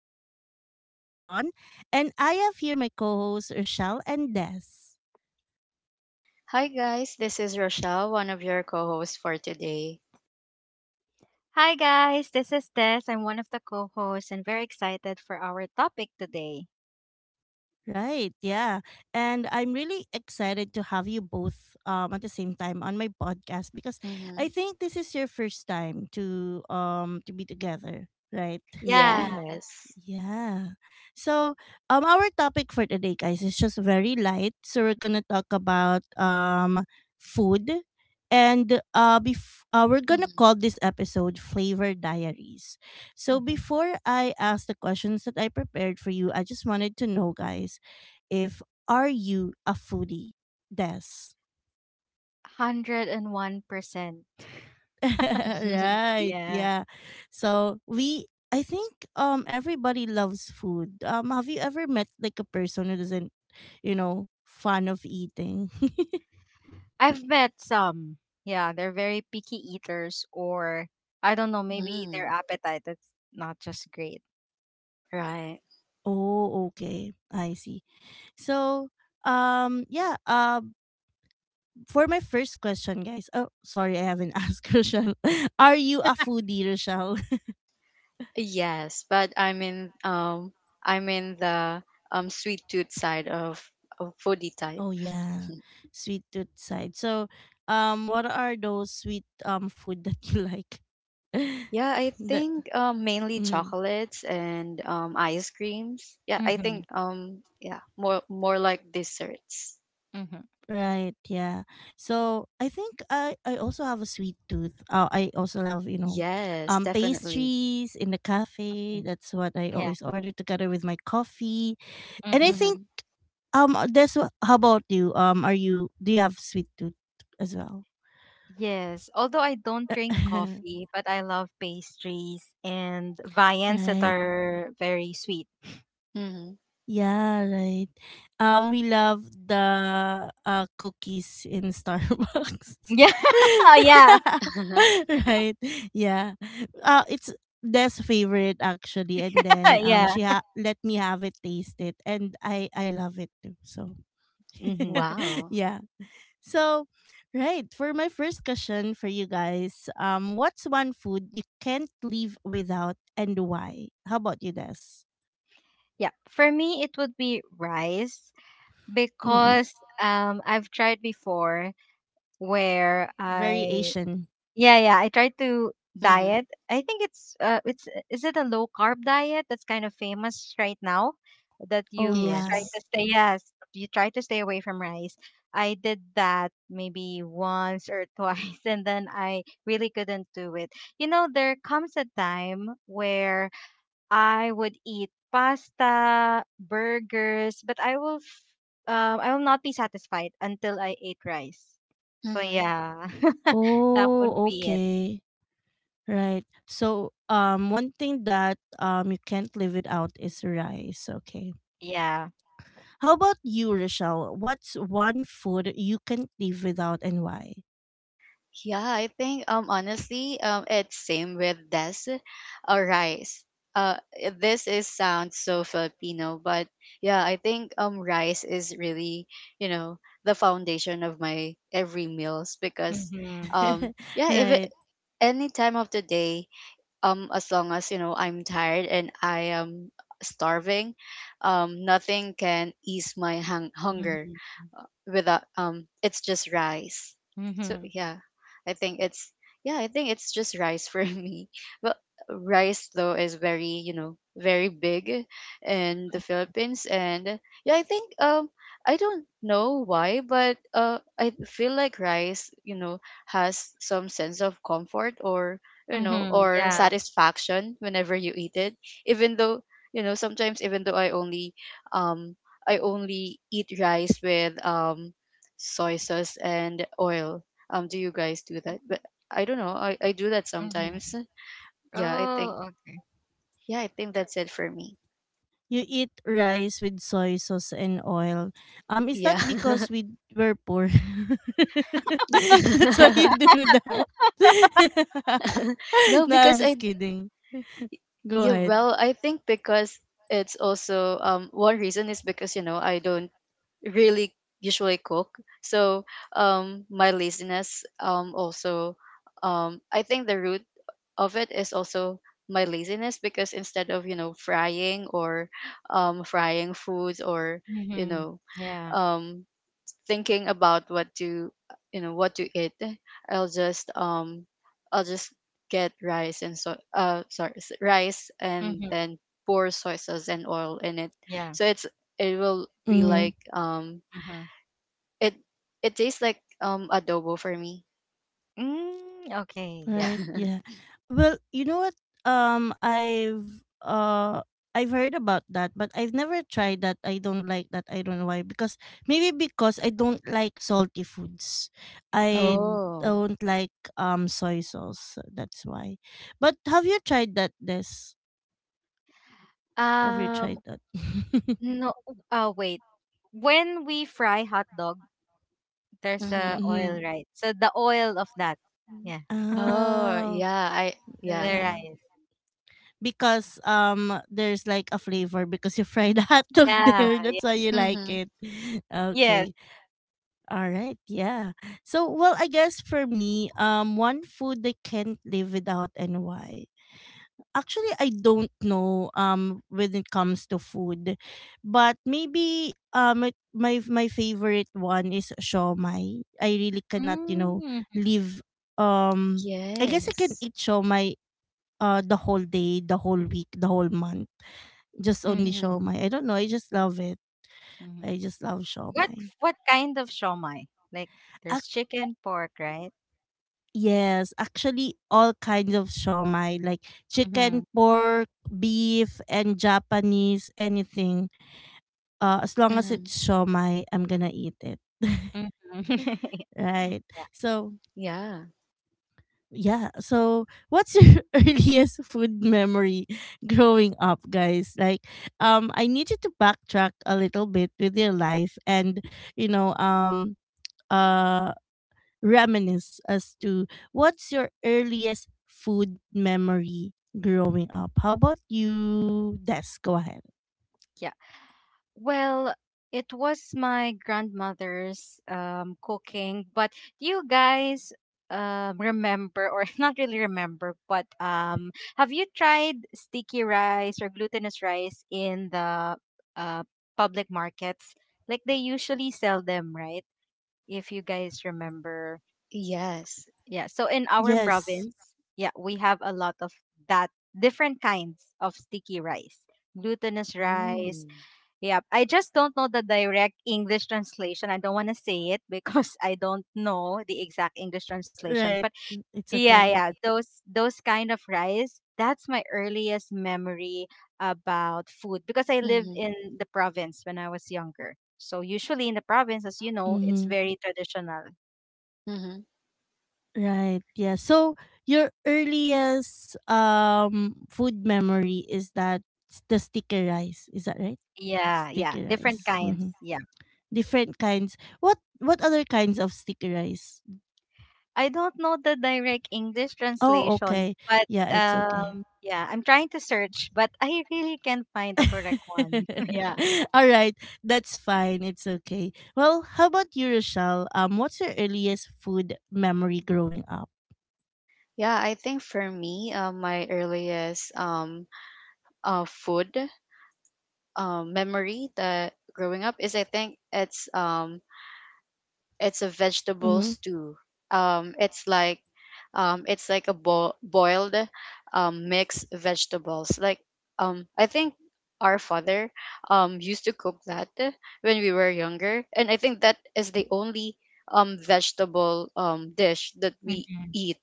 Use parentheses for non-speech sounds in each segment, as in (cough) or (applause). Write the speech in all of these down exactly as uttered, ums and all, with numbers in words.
is your host, Ron. And I have here my co hosts, Rochelle and Des. Hi guys, this is Rochelle, one of your co-hosts for today. Hi guys, this is Tess. I'm one of the co-hosts and very excited for our topic today. Right, yeah. And I'm really excited to have you both um, at the same time on my podcast because Hmm. I think this is your first time to um to be together, right? Yeah. (laughs) Yes. Yeah. So, um our topic for today guys is just very light. So we're going to talk about um food and uh bef- uh we're going to Hmm. call this episode Flavor Diaries. So hmm before I ask the questions that I prepared for you, I just wanted to know guys if are you a foodie? Des. one hundred one percent. (laughs) (laughs) Right, Yeah. yeah. So we i think um everybody loves food. Um have you ever met like a person who doesn't you know fun of eating? (laughs) I've met some. Yeah, they're very picky eaters, or I don't know, maybe their Mm, appetite is not just great. right. Oh, okay. I see. So, um, yeah. Um, for my first question, guys. Oh, sorry, I haven't (laughs) asked Rochelle. (laughs) Are you a foodie, Rochelle? Yes, but I'm in um I'm in the um sweet tooth side of, of foodie type. Oh yeah, (laughs) sweet tooth side. So, um, what are those sweet um food that you like? (laughs) Yeah, I the think um, mainly mm, chocolates and um, ice creams. Yeah, I think Hmm. um yeah more more like desserts. Hmm. right, yeah. So I think I I also have a sweet tooth. Uh, I also have, you know, Yes, um, definitely. pastries in the cafe. That's what I Yeah. always order together with my coffee. And I Hmm. Mm-hmm. think um uh, that's what, how about you? Um, are you do you have sweet tooth as well? Yes, although I don't drink (laughs) coffee, but I love pastries and viands that Right. are very sweet. Mm-hmm. Yeah, right. Um, we love the uh, cookies in Starbucks. (laughs) Yeah. Yeah. (laughs) (laughs) Right. Yeah. Uh, it's Des' favorite actually, and then (laughs) um, Yeah. she ha- let me have it, taste it, and I I love it too. So, (laughs) Mm-hmm. Wow. yeah. So, right, for my first question for you guys, um, what's one food you can't live without, and why? How about you, Des? Yeah, for me it would be rice Mm-mm. because um I've tried before where Very I Asian. yeah yeah I tried to Mm-hmm. diet. I think it's uh it's is it a low carb diet that's kind of famous right now that Oh, you yeah. try to Yes. stay, yes, you try to stay away from rice. I did that maybe once or (laughs) twice and then I really couldn't do it. You know there comes a time where I would eat pasta, burgers, but I will f- um I will not be satisfied until I ate rice. So Mm-hmm. yeah, (laughs) that would Oh, be it. okay. Right. So, um, one thing that um you can't live without is rice. Okay. Yeah. How about you, Rochelle? What's one food you can't live without and why? Yeah, I think um honestly um it's same with this or rice. Uh, i- this is sounds so Filipino, but yeah, I think um rice is really, you know, the foundation of my every meals because Mhm. (laughs) um yeah, if it, Right. any time of the day, um as long as, you know, I'm tired and I am starving, um nothing can ease my hung- hunger Mhm. without um it's just rice. So Mhm. yeah, i think it's yeah, I think it's just rice for (laughs) me. But rice though is very, you know, very big in the Philippines, and yeah, I think um I don't know why, but uh I feel like rice, you know, has some sense of comfort or, you know, Mhm. or Yeah. satisfaction whenever you eat it. Even though, you know, sometimes even though I only um I only eat rice with um soy sauce and oil. Um, do you guys do that? But I don't know. I, I do that Mhm. sometimes. Yeah, i think Oh, okay. yeah, I think Yeah. that's it for me. You eat rice with soy sauce and oil. Um, is Yeah. that because we were poor? (laughs) That's why you (laughs) do that. (laughs) No, No, I'm because I just kidding. Go yeah, ahead. well, I think because it's also um one reason is because, you know, I don't really usually cook. So um my laziness um also um I think the root of it is also my laziness, because instead of, you know, frying or um, frying foods or, you Mhm. know, Yeah. um, thinking about what to, you know, what to eat, i'll just um I'll just get rice and so uh sorry s- rice, and Mhm. then pour soy sauce and oil in it. Yeah. So it's it will be like um Mhm. it it tastes like um adobo for me. Mm, okay. Yeah. Right. Yeah. (laughs) Well, you know what? Um, I've uh, I've heard about that, but I've never tried that. I don't like that. I don't know why. Because maybe because I don't like salty foods. I Mm. Oh. don't like um soy sauce. That's why. But have you tried that? This have you tried Um. that? (laughs) No. Uh. Wait. When we fry hot dog. There's a Mm-hmm. oil, right? So the oil of that. Yeah. Oh, Oh, yeah, I The yeah. yeah. rice. Because um there's like a flavor because you fried (laughs) the hot dog Yeah. there. That's why you like Mm-hmm. it. (laughs) (laughs) Yes. Okay, all right, yeah. So well, I guess for me, um one food I can't live without and why, actually I don't know um when it comes to food, but maybe um it- my my favorite one is shawmai. I really cannot, you know Mm-hmm. live um I guess I can Yes. eat shawmai uh the whole day, the whole week, the whole month, just only Mm-hmm. shawmai. I don't know. I just love it. Mm-hmm. I just love What shawmai. what kind of shawmai? Like there's Ac- chicken, pork, right? yes, actually, all kinds of shawmai like Mm-hmm. chicken, pork, beef, and Japanese anything. Uh, as long as Mm-hmm. it's shawmai, I'm gonna eat it. (laughs) Mm-hmm. (laughs) Right. So Yeah. yeah. So what's your (laughs) earliest food memory growing up, guys? Like, um, I need you to backtrack a little bit with your life and you know um. Uh, reminisce as to what's your earliest food memory growing up. How about you, Des? Go ahead. Yeah. Well, it was my grandmother's um, cooking, but do you guys um, remember, or (laughs) not really remember, but um, have you tried sticky rice or glutinous rice in the uh, public markets? Like they usually sell them, right? If you guys remember. Yes. Yeah, so in our Yes, province, yeah, we have a lot of that different kinds of sticky rice, glutinous rice. Mm. Yep. I just don't know the direct English translation. I don't want to say it because (laughs) I don't know the exact English translation. right. But Mm, it's yeah, okay. yeah, those those kind of rice, that's my earliest memory about food because I live Mm-hmm. in the province when I was younger. So usually in the province, as you know, it's Mm-hmm. very traditional. Mm-hmm. Right. Yeah. So your earliest um food memory is that s- the sticky rice. Is that right? Yeah, yeah, Sticky different rice. kinds. Mm-hmm. Yeah. Different kinds. What what other kinds of sticky rice? I don't know the direct English Oh, translation, okay. but Yeah, it's okay. um, yeah, I'm trying to search, but I really can't find the correct one. (laughs) Yeah. (laughs) All right, that's fine. It's okay. Well, how about you, Rochelle? Um, what's your earliest food memory growing up? Yeah, I think for me, uh, my earliest um uh food um memory that growing up is, I think it's um it's a vegetable Mm-hmm. stew. Um, it's like um, it's like a bo- boiled um, mixed vegetables. Like um, I think our father um, used to cook that when we were younger, and I think that is the only um, vegetable um, dish that we Mm-hmm. eat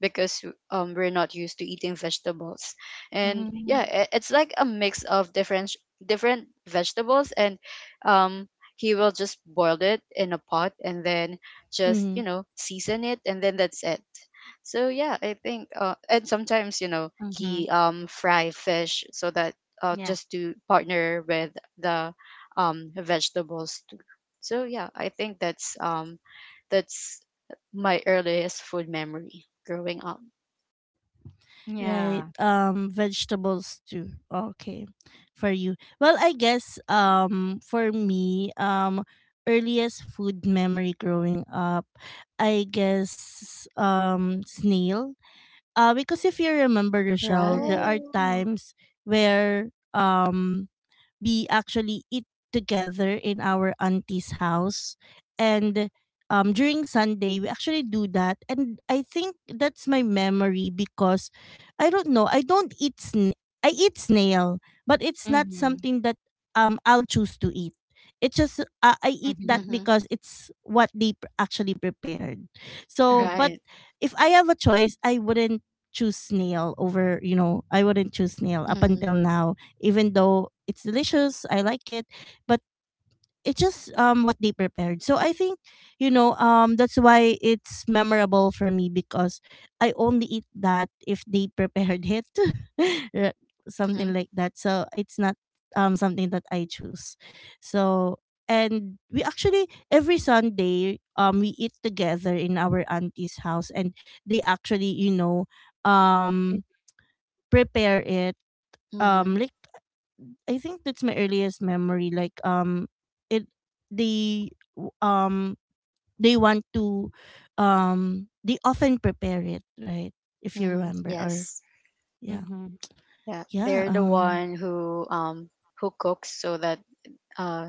because um, we're not used to eating vegetables. And yeah, Mm-hmm. i- it's like a mix of different different vegetables, and um he will just boil it in a pot and then just, Mm-hmm. you know, season it, and then that's it. So yeah, I think uh, and sometimes, you know, Mm-hmm. he um fry fish so that, uh, Yeah. just to partner with the um vegetables too. So yeah, I think that's um that's my earliest food memory growing up. Right. Yeah. Um, vegetables too. Okay, for you. Well, I guess um for me um earliest food memory growing up, I guess um snail. Uh, because if you remember, Rochelle, there Right. are Oh. times where, um, we actually eat together in our auntie's house, and um during Sunday we actually do that, and I think that's my memory because I don't know, I don't eat sna- I eat snail, but it's not Mm-hmm. something that um I'll choose to eat. It's just, uh, I eat Mm-hmm. that Mm-hmm. because it's what they pr- actually prepared. So but Mm-hmm. Right. if I have a choice, I wouldn't choose snail over, you know, I wouldn't choose snail up Mm-hmm. until now, even though it's delicious, I like it. But it's just um what they prepared. So I think, you know, um that's why it's memorable for me, because I only eat that if they prepared it. (laughs) Ra- something Mm-hmm. like that. So it's not um something that I choose. So and we actually every Sunday, um we eat together in our auntie's house, and they actually, you know, um prepare it, Mm-hmm. um like I think that's my earliest memory. Like, um, it they w- um they want to, um they often prepare it, right? If you Mm-hmm. remember. Or Yes. yeah Mm-hmm. Yeah, yeah they're the um one who um who cooks so that, uh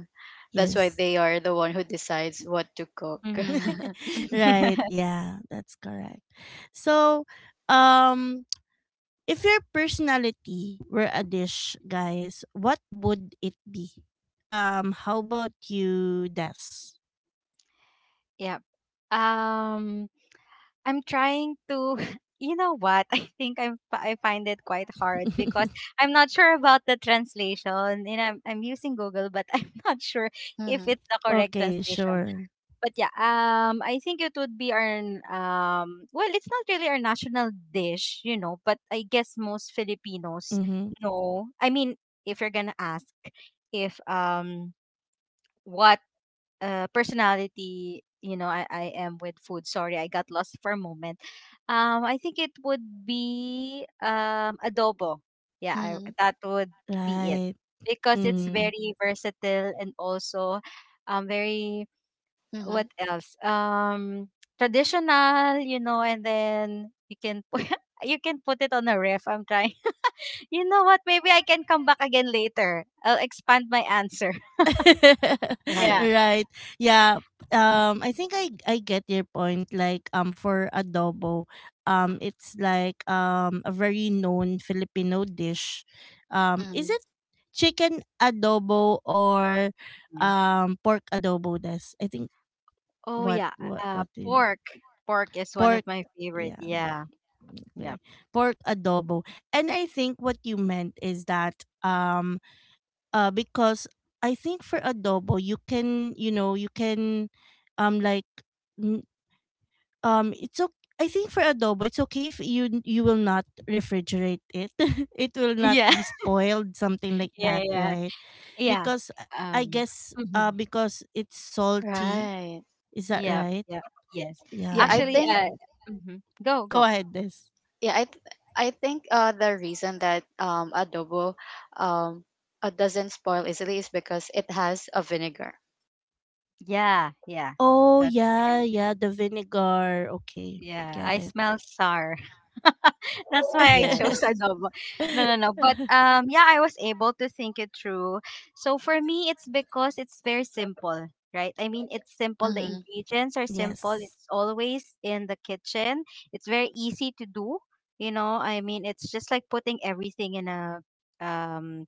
that's why yes. they are the one who decides what to cook. Mm-hmm. (laughs) (laughs) Right, (laughs) yeah, that's correct. So um if your personality were a dish, guys, what would it be? Um, how about you, Des? Yeah. Yep. Um I'm trying to... (laughs) You know what? I think I'm fi- I find it quite hard because (laughs) I'm not sure about the translation and I'm I'm using Google, but (laughs) I'm not sure if Mhm. it's the correct Okay, translation. sure. But yeah, um I think it would be our n- um well, it's not really our national dish, you know, but I guess most Filipinos Mm-hmm. know. I mean, if you're going to ask if um what uh, personality, you know, I, I am with food, sorry, I got lost for a moment. um I think it would be um adobo. Yeah, I, Mhm. that would be it Right. because it's Mm-hmm. very versatile and also um very, what Mhm. else, um traditional, you know, and then you can put (laughs) you can put it on a ref, I'm trying (laughs) you know what, maybe I can come back again later, I'll expand my answer. (laughs) (laughs) Right. Yeah. Right. Yeah. Um, I think I I get your point, like um for adobo, um it's like um a very known Filipino dish. Um, is Mm. it chicken adobo or Mm. um pork adobo? That's I think Oh what yeah, what uh, what do you— pork. Pork is one pork, of my favorite. yeah, Yeah. okay, Yep. pork adobo. And I think what you meant is that, um uh, because I think for adobo you can, you know, you can, um like n- um it's okay. I think for adobo it's okay if you n- you will not refrigerate it. (laughs) It will (laughs) not Yeah. be spoiled, something like Yeah, that, yeah, right? yeah. Because I I Um. guess Mhm. uh because it's salty. Right. Is that Yeah, right? yeah, yes. Yeah, I Yeah. Actually, think uh, So mhm. Go, go go. ahead, this. yeah, I th- I think uh the reason that um adobo um uh, doesn't spoil easily is because it has a vinegar. Yeah, yeah. Oh That's yeah, very true. yeah, the vinegar. Okay. Yeah, Get I it. smell sour. (laughs) That's why I chose Yes. adobo. No, no, no. But (laughs) um, yeah, I was able to think it through. So for me, it's because it's very simple, right? I mean, it's simple. The Mhm. ingredients are simple. Yes. It's always in the kitchen. It's very easy to do. You know, I mean, it's just like putting everything in a um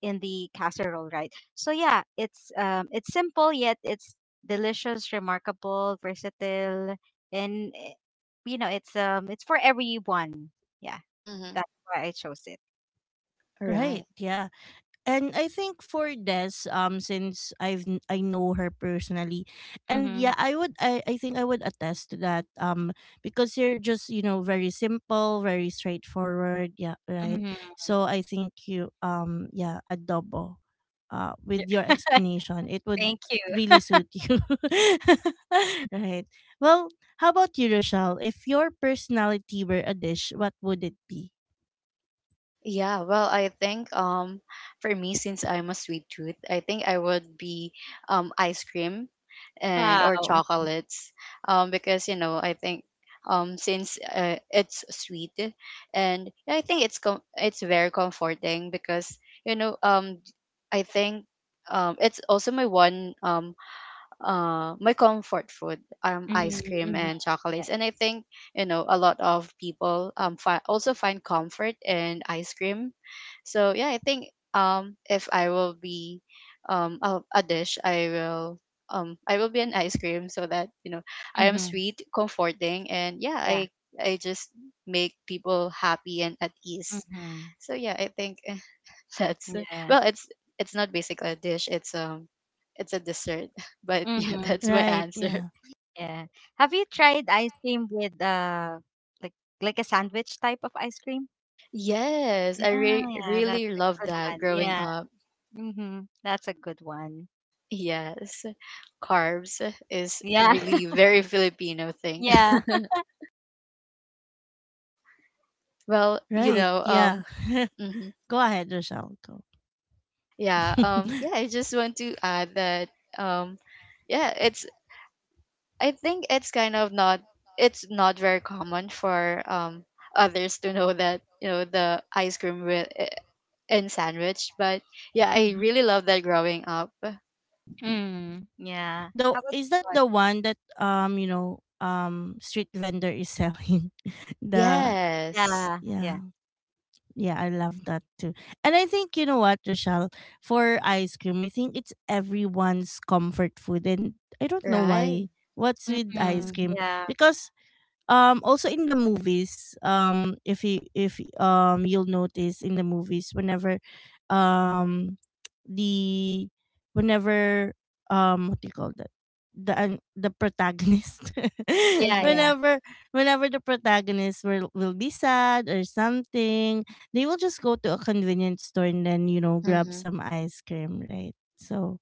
in the casserole, right? So yeah, it's um it's simple yet it's delicious, remarkable, versatile, and you know it's um it's for everyone. Yeah, Mhm. that's why I chose it. Right. Right. Yeah. And I think for Des, um, since I've kn- I know her personally, and yeah, Mm-hmm. I would, I, I think I would attest to that. Um, because you're just, you know, very simple, very straightforward. Yeah, right. Mm-hmm. So I think you, um yeah, adobo, uh, with Yeah. your (laughs) explanation, it would Thank you. really suit you. (laughs) Right. Well, how about you, Rochelle? If your personality were a dish, what would it be? Yeah, well, I think um for me, since I'm a sweet tooth, I think I would be um ice cream and or Wow. chocolates, um because, you know, I think um since uh, it's sweet, and I think it's com- it's very comforting because, you know, um I think um it's also my one um uh, my comfort food, um, ice Mm-hmm. cream Mm-hmm. and Yeah. chocolates. And I think, you know, a lot of people um fi- also find comfort in ice cream. So yeah, I think um if I will be um a, a dish, I will um I will be an ice cream so that, you know, I am Mm-hmm. sweet, comforting, and yeah, I Yeah. I just make people happy and at ease. Mm-hmm. So yeah, I think that's Yeah. well, it's it's not basically a dish. It's um, it's a dessert. (laughs) But yeah, Mm-hmm. that's my Right. answer. Yeah. Yeah. Have you tried ice cream with uh like like a sandwich type of ice cream? Yes, I Yeah, re- yeah, that's really a love good that one. growing Yeah, up. mm-hmm. That's a good one. Yes, carbs is Yeah, really (laughs) very Filipino thing. yeah. (laughs) Well, you Right. know, Yeah. um, (laughs) mhm. Go ahead, Rochelle. Go. Yeah, um, (laughs) yeah, I just want to add that, um, yeah, it's. I think it's kind of not. It's not very common for um others to know that, you know, the ice cream with and sandwich. But yeah, I Mm-hmm. really love that growing up. Mm. Yeah. Though, How about is that you? the one that, um you know um street vendor is selling? (laughs) The— Yes, Yeah, yeah. yeah, yeah, I love that too. And I think you know what, Rochelle, for ice cream I think it's everyone's comfort food, and I don't know right. why, what's with ice Mhm. cream, Yeah. because um also in the movies, um if you if um you'll notice in the movies whenever, um the whenever um what do you call that the an the protagonist, (laughs) Yeah, Mhm. yeah. whenever whenever the protagonist will, will be sad or something, they will just go to a convenience store and then, you know, grab Mhm. some ice cream, right? So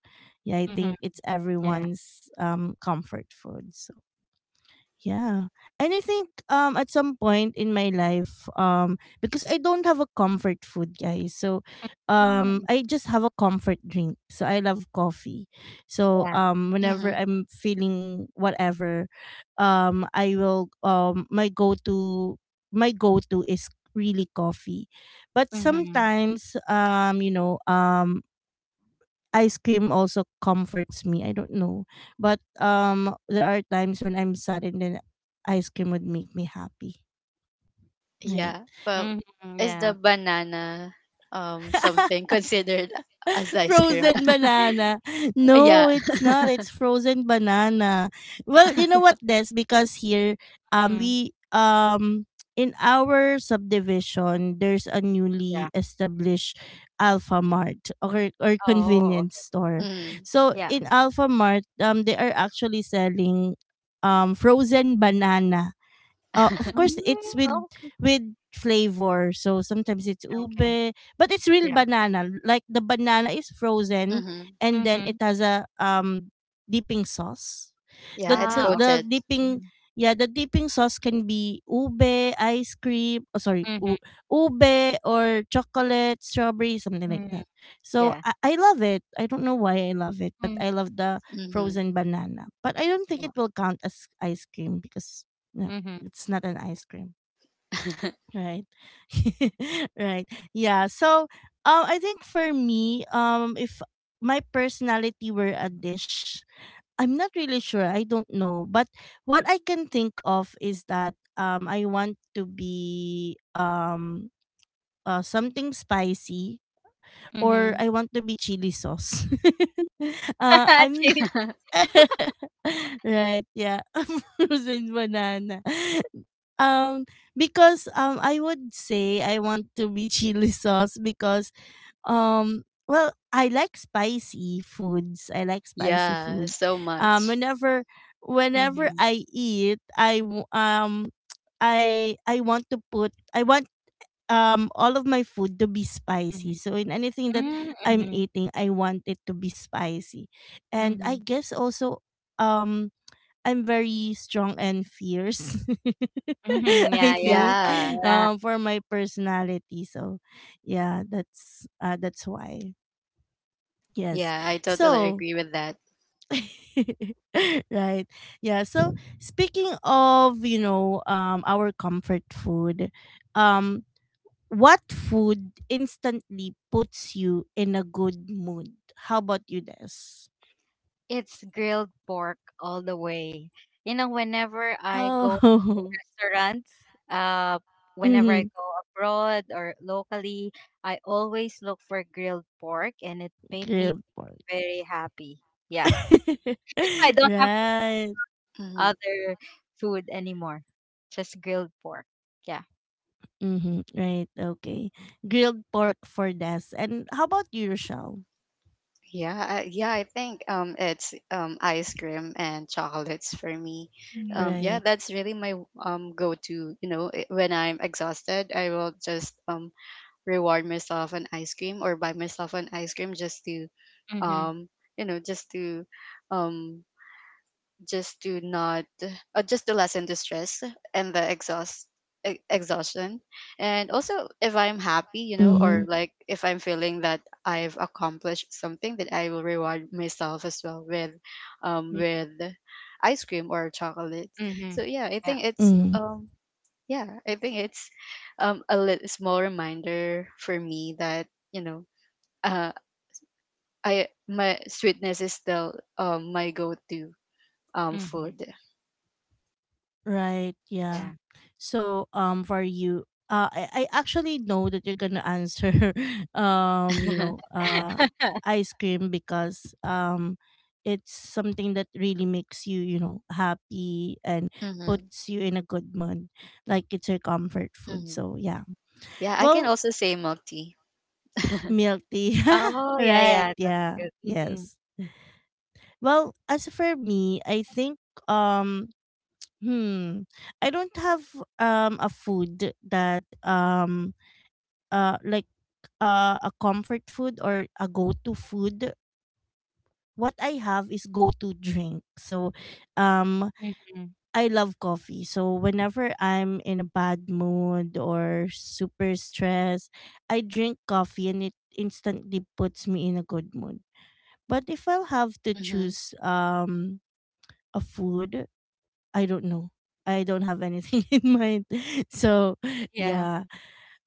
yeah, I think Mhm. it's Yeah. everyone's um comfort food. So yeah. And I think um at some point in my life, um because I don't have a comfort food, guys. So um Mm, I just have a comfort drink. So I love coffee. So yeah. um whenever Mhm. I'm feeling whatever, um I will, um my go-to my go-to is really coffee. But Mhm. sometimes, um you know um ice cream also comforts me. I don't know. But um there are times when I'm sad, and then ice cream would make me happy. Right. Yeah. Well, Mhm. is the Yeah. banana um something (laughs) considered as (laughs) ice cream? Frozen (laughs) banana. No, Yeah. it's not. (laughs) It's frozen banana. Well, you know what, Des? Because here, um, Mhm. we um in our subdivision, there's a Yeah. newly established Alpha Mart or or Oh, convenience okay. store. Mm. So Yeah. in Alpha Mart, um, they are actually selling um frozen banana, uh, of (laughs) course it's Mm, with— okay. with flavor. So sometimes it's Okay. ube, but it's real Yeah. banana. Like the banana is frozen, Mhm. and then it Mhm. has a um dipping sauce. the Yeah, it's the, Ah, the okay. coated. dipping, Mhm. yeah, the dipping sauce can be ube ice cream. Oh, sorry, Mhm. u- ube or chocolate, strawberry, something like Mhm. that. So Yeah. I, I love it, I don't know why I love it, but Mm, I love the Mhm. frozen banana. But I don't think it yeah. will count as ice cream, because no. Mhm. It's not an ice cream, (laughs) right? (laughs) Right. Yeah. So, um, I think for me, um, if my personality were a dish, I'm not really sure, I don't know, but what I can think of is that, um, I want to be um. Uh, something spicy, or I Mhm. want to be chili sauce. (laughs) Uh, (laughs) I'm— Cheese. (laughs) right, yeah. (laughs) Frozen banana. (laughs) Um because, um I would say I want to be (laughs) chili sauce because, um well, I like spicy foods. I like spicy Yeah, food. so Um much. whenever whenever Mhm. I eat I w- um I I want to put I want um all of my food to be spicy. Mhm. So in anything that Mm. I'm Mhm. eating, I want it to be spicy. Mhm. And Mhm. I guess also um I'm very strong and fierce. (laughs) (laughs) I Yeah, yeah. think Yeah. Oh, yeah. um for my personality. So yeah, that's uh that's why. Yes. Yeah, I totally So agree with that. (laughs) right. Yeah, so speaking of, you know, um our comfort food, um what food instantly puts you in a good mood? How about you, Des? It's grilled pork all the way. You know, whenever I go to Oh, restaurants, uh, (laughs) whenever I mm-hmm. go abroad or locally, I always look for grilled pork, and it made me Grilled pork. very happy. Yeah, (laughs) (laughs) I don't have right. Mhm. other food anymore, just grilled pork. Yeah. Mm-hmm. Right. Okay. Grilled pork for Des. And how about you, Rochelle? Yeah, I- yeah, I think um it's um ice cream and chocolates for me. Um, Mhm. yeah, Right. that's really my um go-to, you know, i- when I'm exhausted, I will just um reward myself an ice cream or buy myself an ice cream just to Mm-hmm. um you know, just to um just to not, uh, just to lessen the stress and the exhaust e- exhaustion, and also if I'm happy, you know, Mm-hmm. or like if I'm feeling that I've accomplished something, that I will reward myself as well with um with ice cream or chocolate. Mm-hmm. So yeah, i Yeah. think it's um yeah, I think it's um a little small reminder for me that, you know, uh I, my sweetness is still um my go-to um food. Mm-hmm. Right, Yeah. yeah. So, um, for you, uh, I, I actually know that you're gonna answer, (laughs) um, you know, (laughs) uh, (laughs) ice cream because, um, it's something that really makes you, you know, happy and Mm-hmm. puts you in a good mood. Like it's your comfort food. Mm-hmm. So, yeah. Yeah, I can Well, also say milk tea. (laughs) milk tea. (laughs) Oh, yeah, right, yeah. That's yeah, good. Mm-hmm. yes. Well, as for me, I think, um, Hmm. I don't have um a food that um uh like uh a comfort food or a go-to food. What I have is go-to drink. So um Mm-hmm. I love coffee. So whenever I'm in a bad mood or super stressed, I drink coffee and it instantly puts me in a good mood. But if I'll have to Mm-hmm. choose um a food, I don't know. I don't have anything (laughs) in mind. (laughs) So, Yeah. yeah.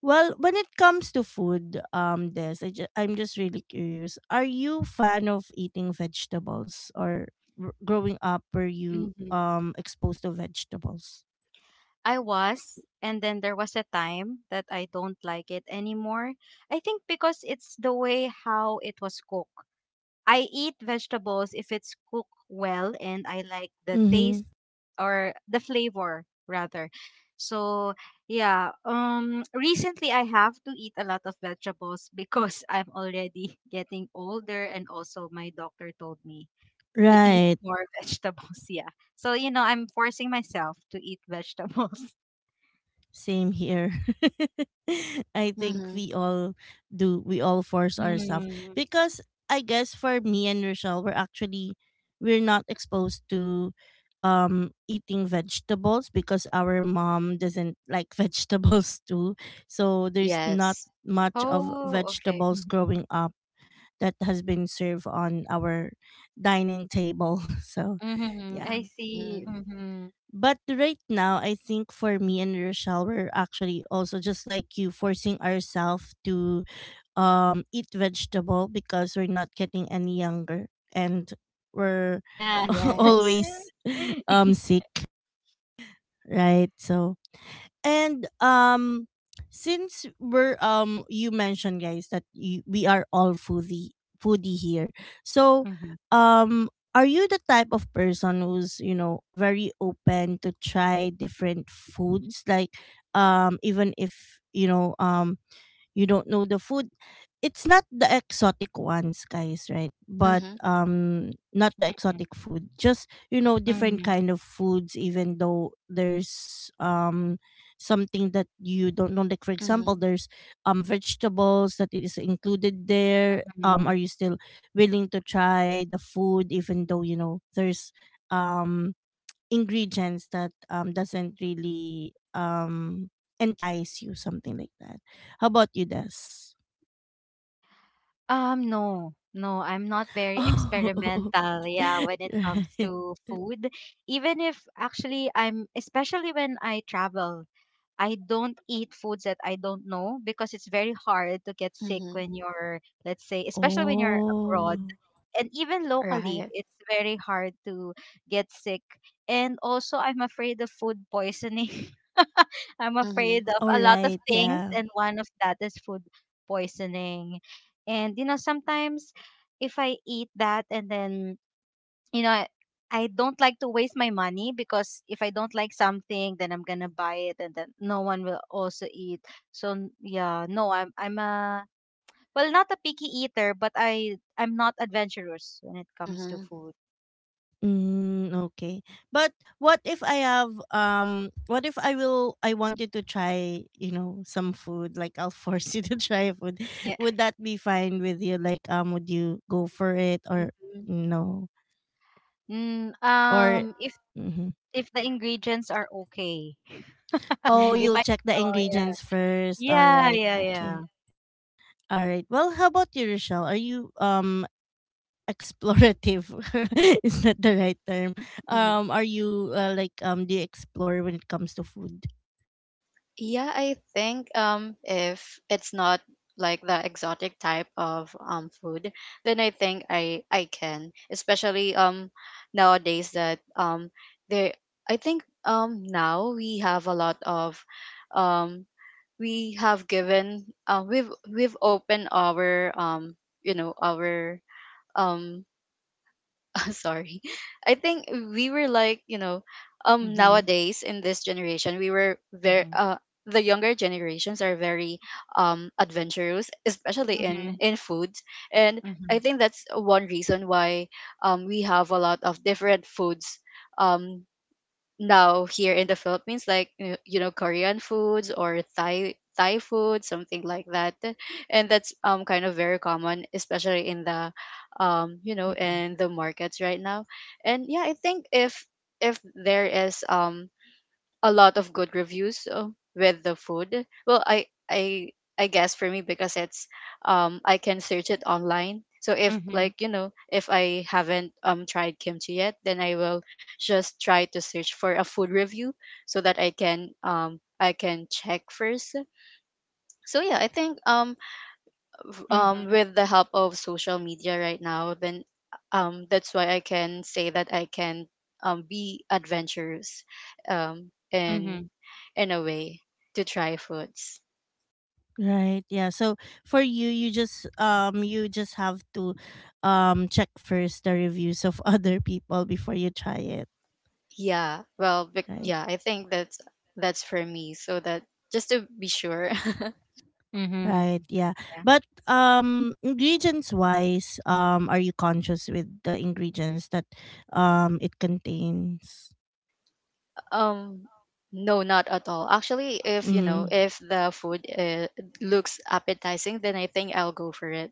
Well, when it comes to food, um, Des, I ju- I'm just really curious. Are you fan of eating vegetables, or r- growing up were you Mm-hmm. um exposed to vegetables? I was, and then there was a time that I don't like it anymore. I think because it's the way how it was cooked. I eat vegetables if it's cooked well and I like the Mm-hmm. taste, or the flavor rather. So yeah, um recently I have to eat a lot of vegetables because (laughs) I'm already getting older and also my doctor told me to eat Right. more (laughs) vegetables, yeah. So, you know, I'm forcing myself to eat vegetables. Same here. (laughs) I think Mm-hmm. we all do. We all force ourselves Mm. because I guess for me and Rochelle, we're actually we're not exposed to um eating vegetables because our mom doesn't like (laughs) vegetables too. So there's not Yes. much of Oh, okay. vegetables Mhm. growing up that has been served on our dining table. (laughs) So Mhm. I yeah. Mm-hmm. see. Mhm. But right now, I think for me and Rochelle, we're actually also just like you, forcing ourselves to um eat vegetable because we're not getting any younger and we're Yeah. (laughs) Yes. always um (laughs) sick, right? So and um since we're um you mentioned guys that you, we are all foodie foodie here. So Mhm. um are you the type of person who's, you know, very open to try different foods like um even if you know um you don't know the food, it's not the exotic ones guys right, but Mm-hmm. um not the exotic food, just you know different Mhm. kind of foods, even though there's um something that you don't know, like for example Mm-hmm. there's um vegetables that is included there, um are Mhm. you still willing to try the food, even though you know there's um ingredients that um doesn't really um entice you, something like that? How about you, Des? Um, no, no, I'm not (laughs) very Oh. experimental, yeah, (laughs) when it comes Right. to food. Even if actually I'm, especially when I travel, I don't eat foods that I don't know because it's very hard to get sick Mm-hmm. when you're, let's say, especially when you're Oh. abroad. And even locally, Right. it's very hard to get sick. And also, I'm afraid of food poisoning. (laughs) I'm Mm-hmm. afraid of All a lot of right, things, yeah. and one of that is food poisoning. And, you know, sometimes if I eat that and then, you know, I, I don't like to waste my money because if I don't like something, then I'm gonna buy it, and then no one will also eat. So n- yeah, no, I'm I'm a, well, not a picky eater, but I I'm not adventurous when it comes to Mm-hmm. food. Mm, okay. But what if I have um what if I will I want you to try, you know, some food, like I'll (laughs) force you to try food, (laughs) Yeah. would that be fine with you? Like, um would you go for it, or Mhm. no, Mm, or um, If mm-hmm. if the ingredients are okay, (laughs) Oh, Mm-hmm. if you'll I, check the oh, yeah, ingredients first. All yeah, right. yeah, yeah. Okay. All right. Well, how about you, Rochelle? Are you um explorative? (laughs) Is that the right term? Mm-hmm. Um, are you uh, like um do you explore when it comes to food? Yeah, I think um if it's not like the exotic type of um food, then I think I I can, especially um nowadays that um there I think um now we have a lot of um we have given uh, we've we've opened our um you know, our um (laughs) sorry, I think we were like, you know, um Mhm. nowadays in this generation, we were very Mhm. uh the younger generations are very um adventurous, especially in Mhm. in foods, and I Mhm. think that's one reason why um we have a lot of different foods um now here in the Philippines, like, uh, you know, Korean foods or Thai Thai food, something like that, and that's um kind of very common, especially in the um you know, in the markets right now. And yeah, I think if if there is um a lot of good reviews, uh, with the food. Well, I I I guess for me because it's um I can search it online. So if Mhm. like, you know, if I haven't um tried kimchi yet, then I will just try to search for a food review so that I can um I can check first. So yeah, I think um um, Mhm. with the help of social media right now, then um, that's why I can say that I can um, be adventurous um, in, Mhm. in a way to try foods. Right. Yeah. So for you, you just um you just have to um check first the reviews of (laughs) other people before you try it. Yeah, well, bec- Right. yeah, I think that's that's for me. So that just to be sure. Mhm. Mhm. Right, yeah. But um ingredients wise, um are you conscious with the ingredients that um it contains? (laughs) Um, no, not at all. Actually, if you Mm-hmm. know, if the food, uh, looks appetizing, then I think I'll go for it.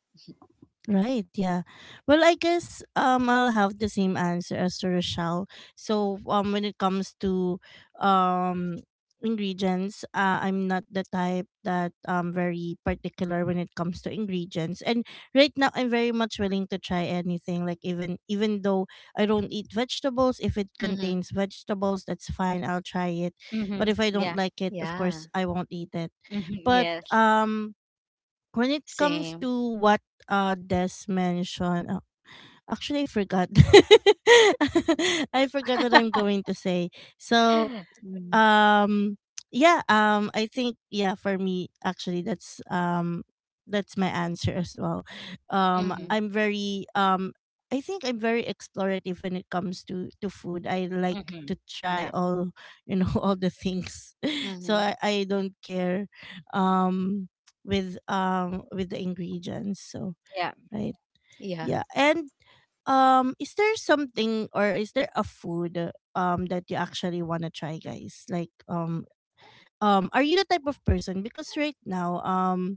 Right, yeah. Well, I guess um I'll have the same answer as to Rochelle. So um when it comes to um ingredients, uh, I'm not the type that um very particular when it comes to ingredients. And right now I'm very much willing to try anything. Like even even though I don't eat vegetables, if it Mm-hmm. contains vegetables, that's fine, I'll try it. But Mm-hmm. if I don't Yeah. like it, of Yeah, course I won't eat it. Mm-hmm. But Yes. um when it comes same. to what uh, Des mentioned, uh, actually I forgot. (laughs) I forgot what I'm (laughs) going to say. So um yeah, um I think yeah, for me actually that's um that's my answer as well. um Mm-hmm. Mm-hmm. i'm very um i think I'm very explorative when it comes to to food. I like Mm-hmm. to try Yeah. all, you know, (laughs) all the things. (laughs) So Mm-hmm. i i don't care um with um with the ingredients. So Yeah. right, Yeah. yeah. And um is there something, or is there a food um that you actually want to try, guys? Like um um are you the type of person? Because right now, um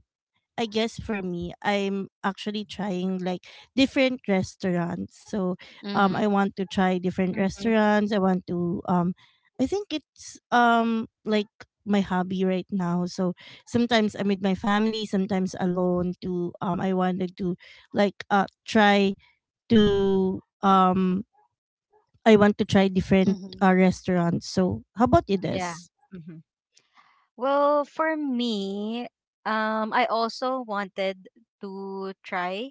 I guess for me, I'm actually trying like different restaurants. So um Mm-hmm. I want to try different Mm-hmm. restaurants. I want to um I think it's um like my hobby right now. So sometimes I'm with my family, sometimes alone, to um I wanted to, like, uh try to um I want to try different Mm-hmm. uh, restaurants. So how about you, Yeah. Des? Mm-hmm. Well, for me, um, I also wanted to try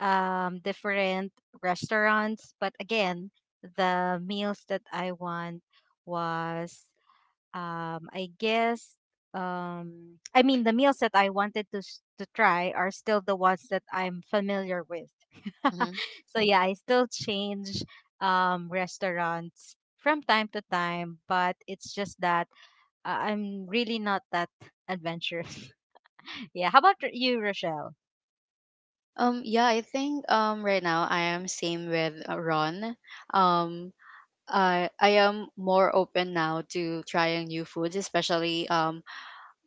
um different restaurants, but again, the meals that I want was... Um, I guess, um, I mean, the meals that I wanted to s- to try are still the ones that I'm familiar with. Mm-hmm. (laughs) So yeah, I still change um, restaurants from time to time, but it's just that uh, I'm really not that adventurous. (laughs) Yeah. How about r- you, Rochelle? Um, yeah, I think um right now I am same with, uh, Ron. Um, I I am more open now to trying new foods, especially um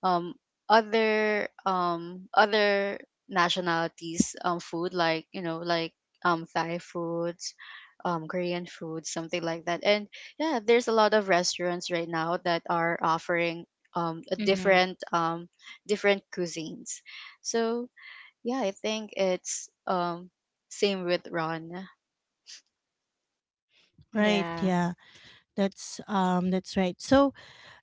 um other um other nationalities um food, like, you know, like um Thai foods, um Korean foods, something like that. And yeah, there's a lot of restaurants right now that are offering um a Mm-hmm. different um different cuisines. So yeah, I think it's um same with Ron. Right, Yeah. yeah. That's um that's right. So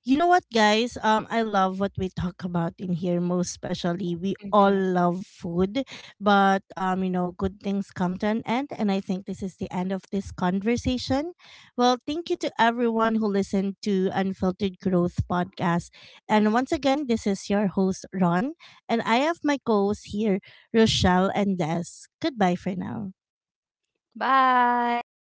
you know what, guys? Um, I love what we talk about in here most especially. We all Mm-hmm. love food, but um you know, good things come to an end, and I think this is the end of this conversation. Well, thank you to everyone who listened to Unfiltered Growth podcast. And once again, this is your host Ron, and I have my co-hosts here, Rochelle and Des. Goodbye for now. Bye.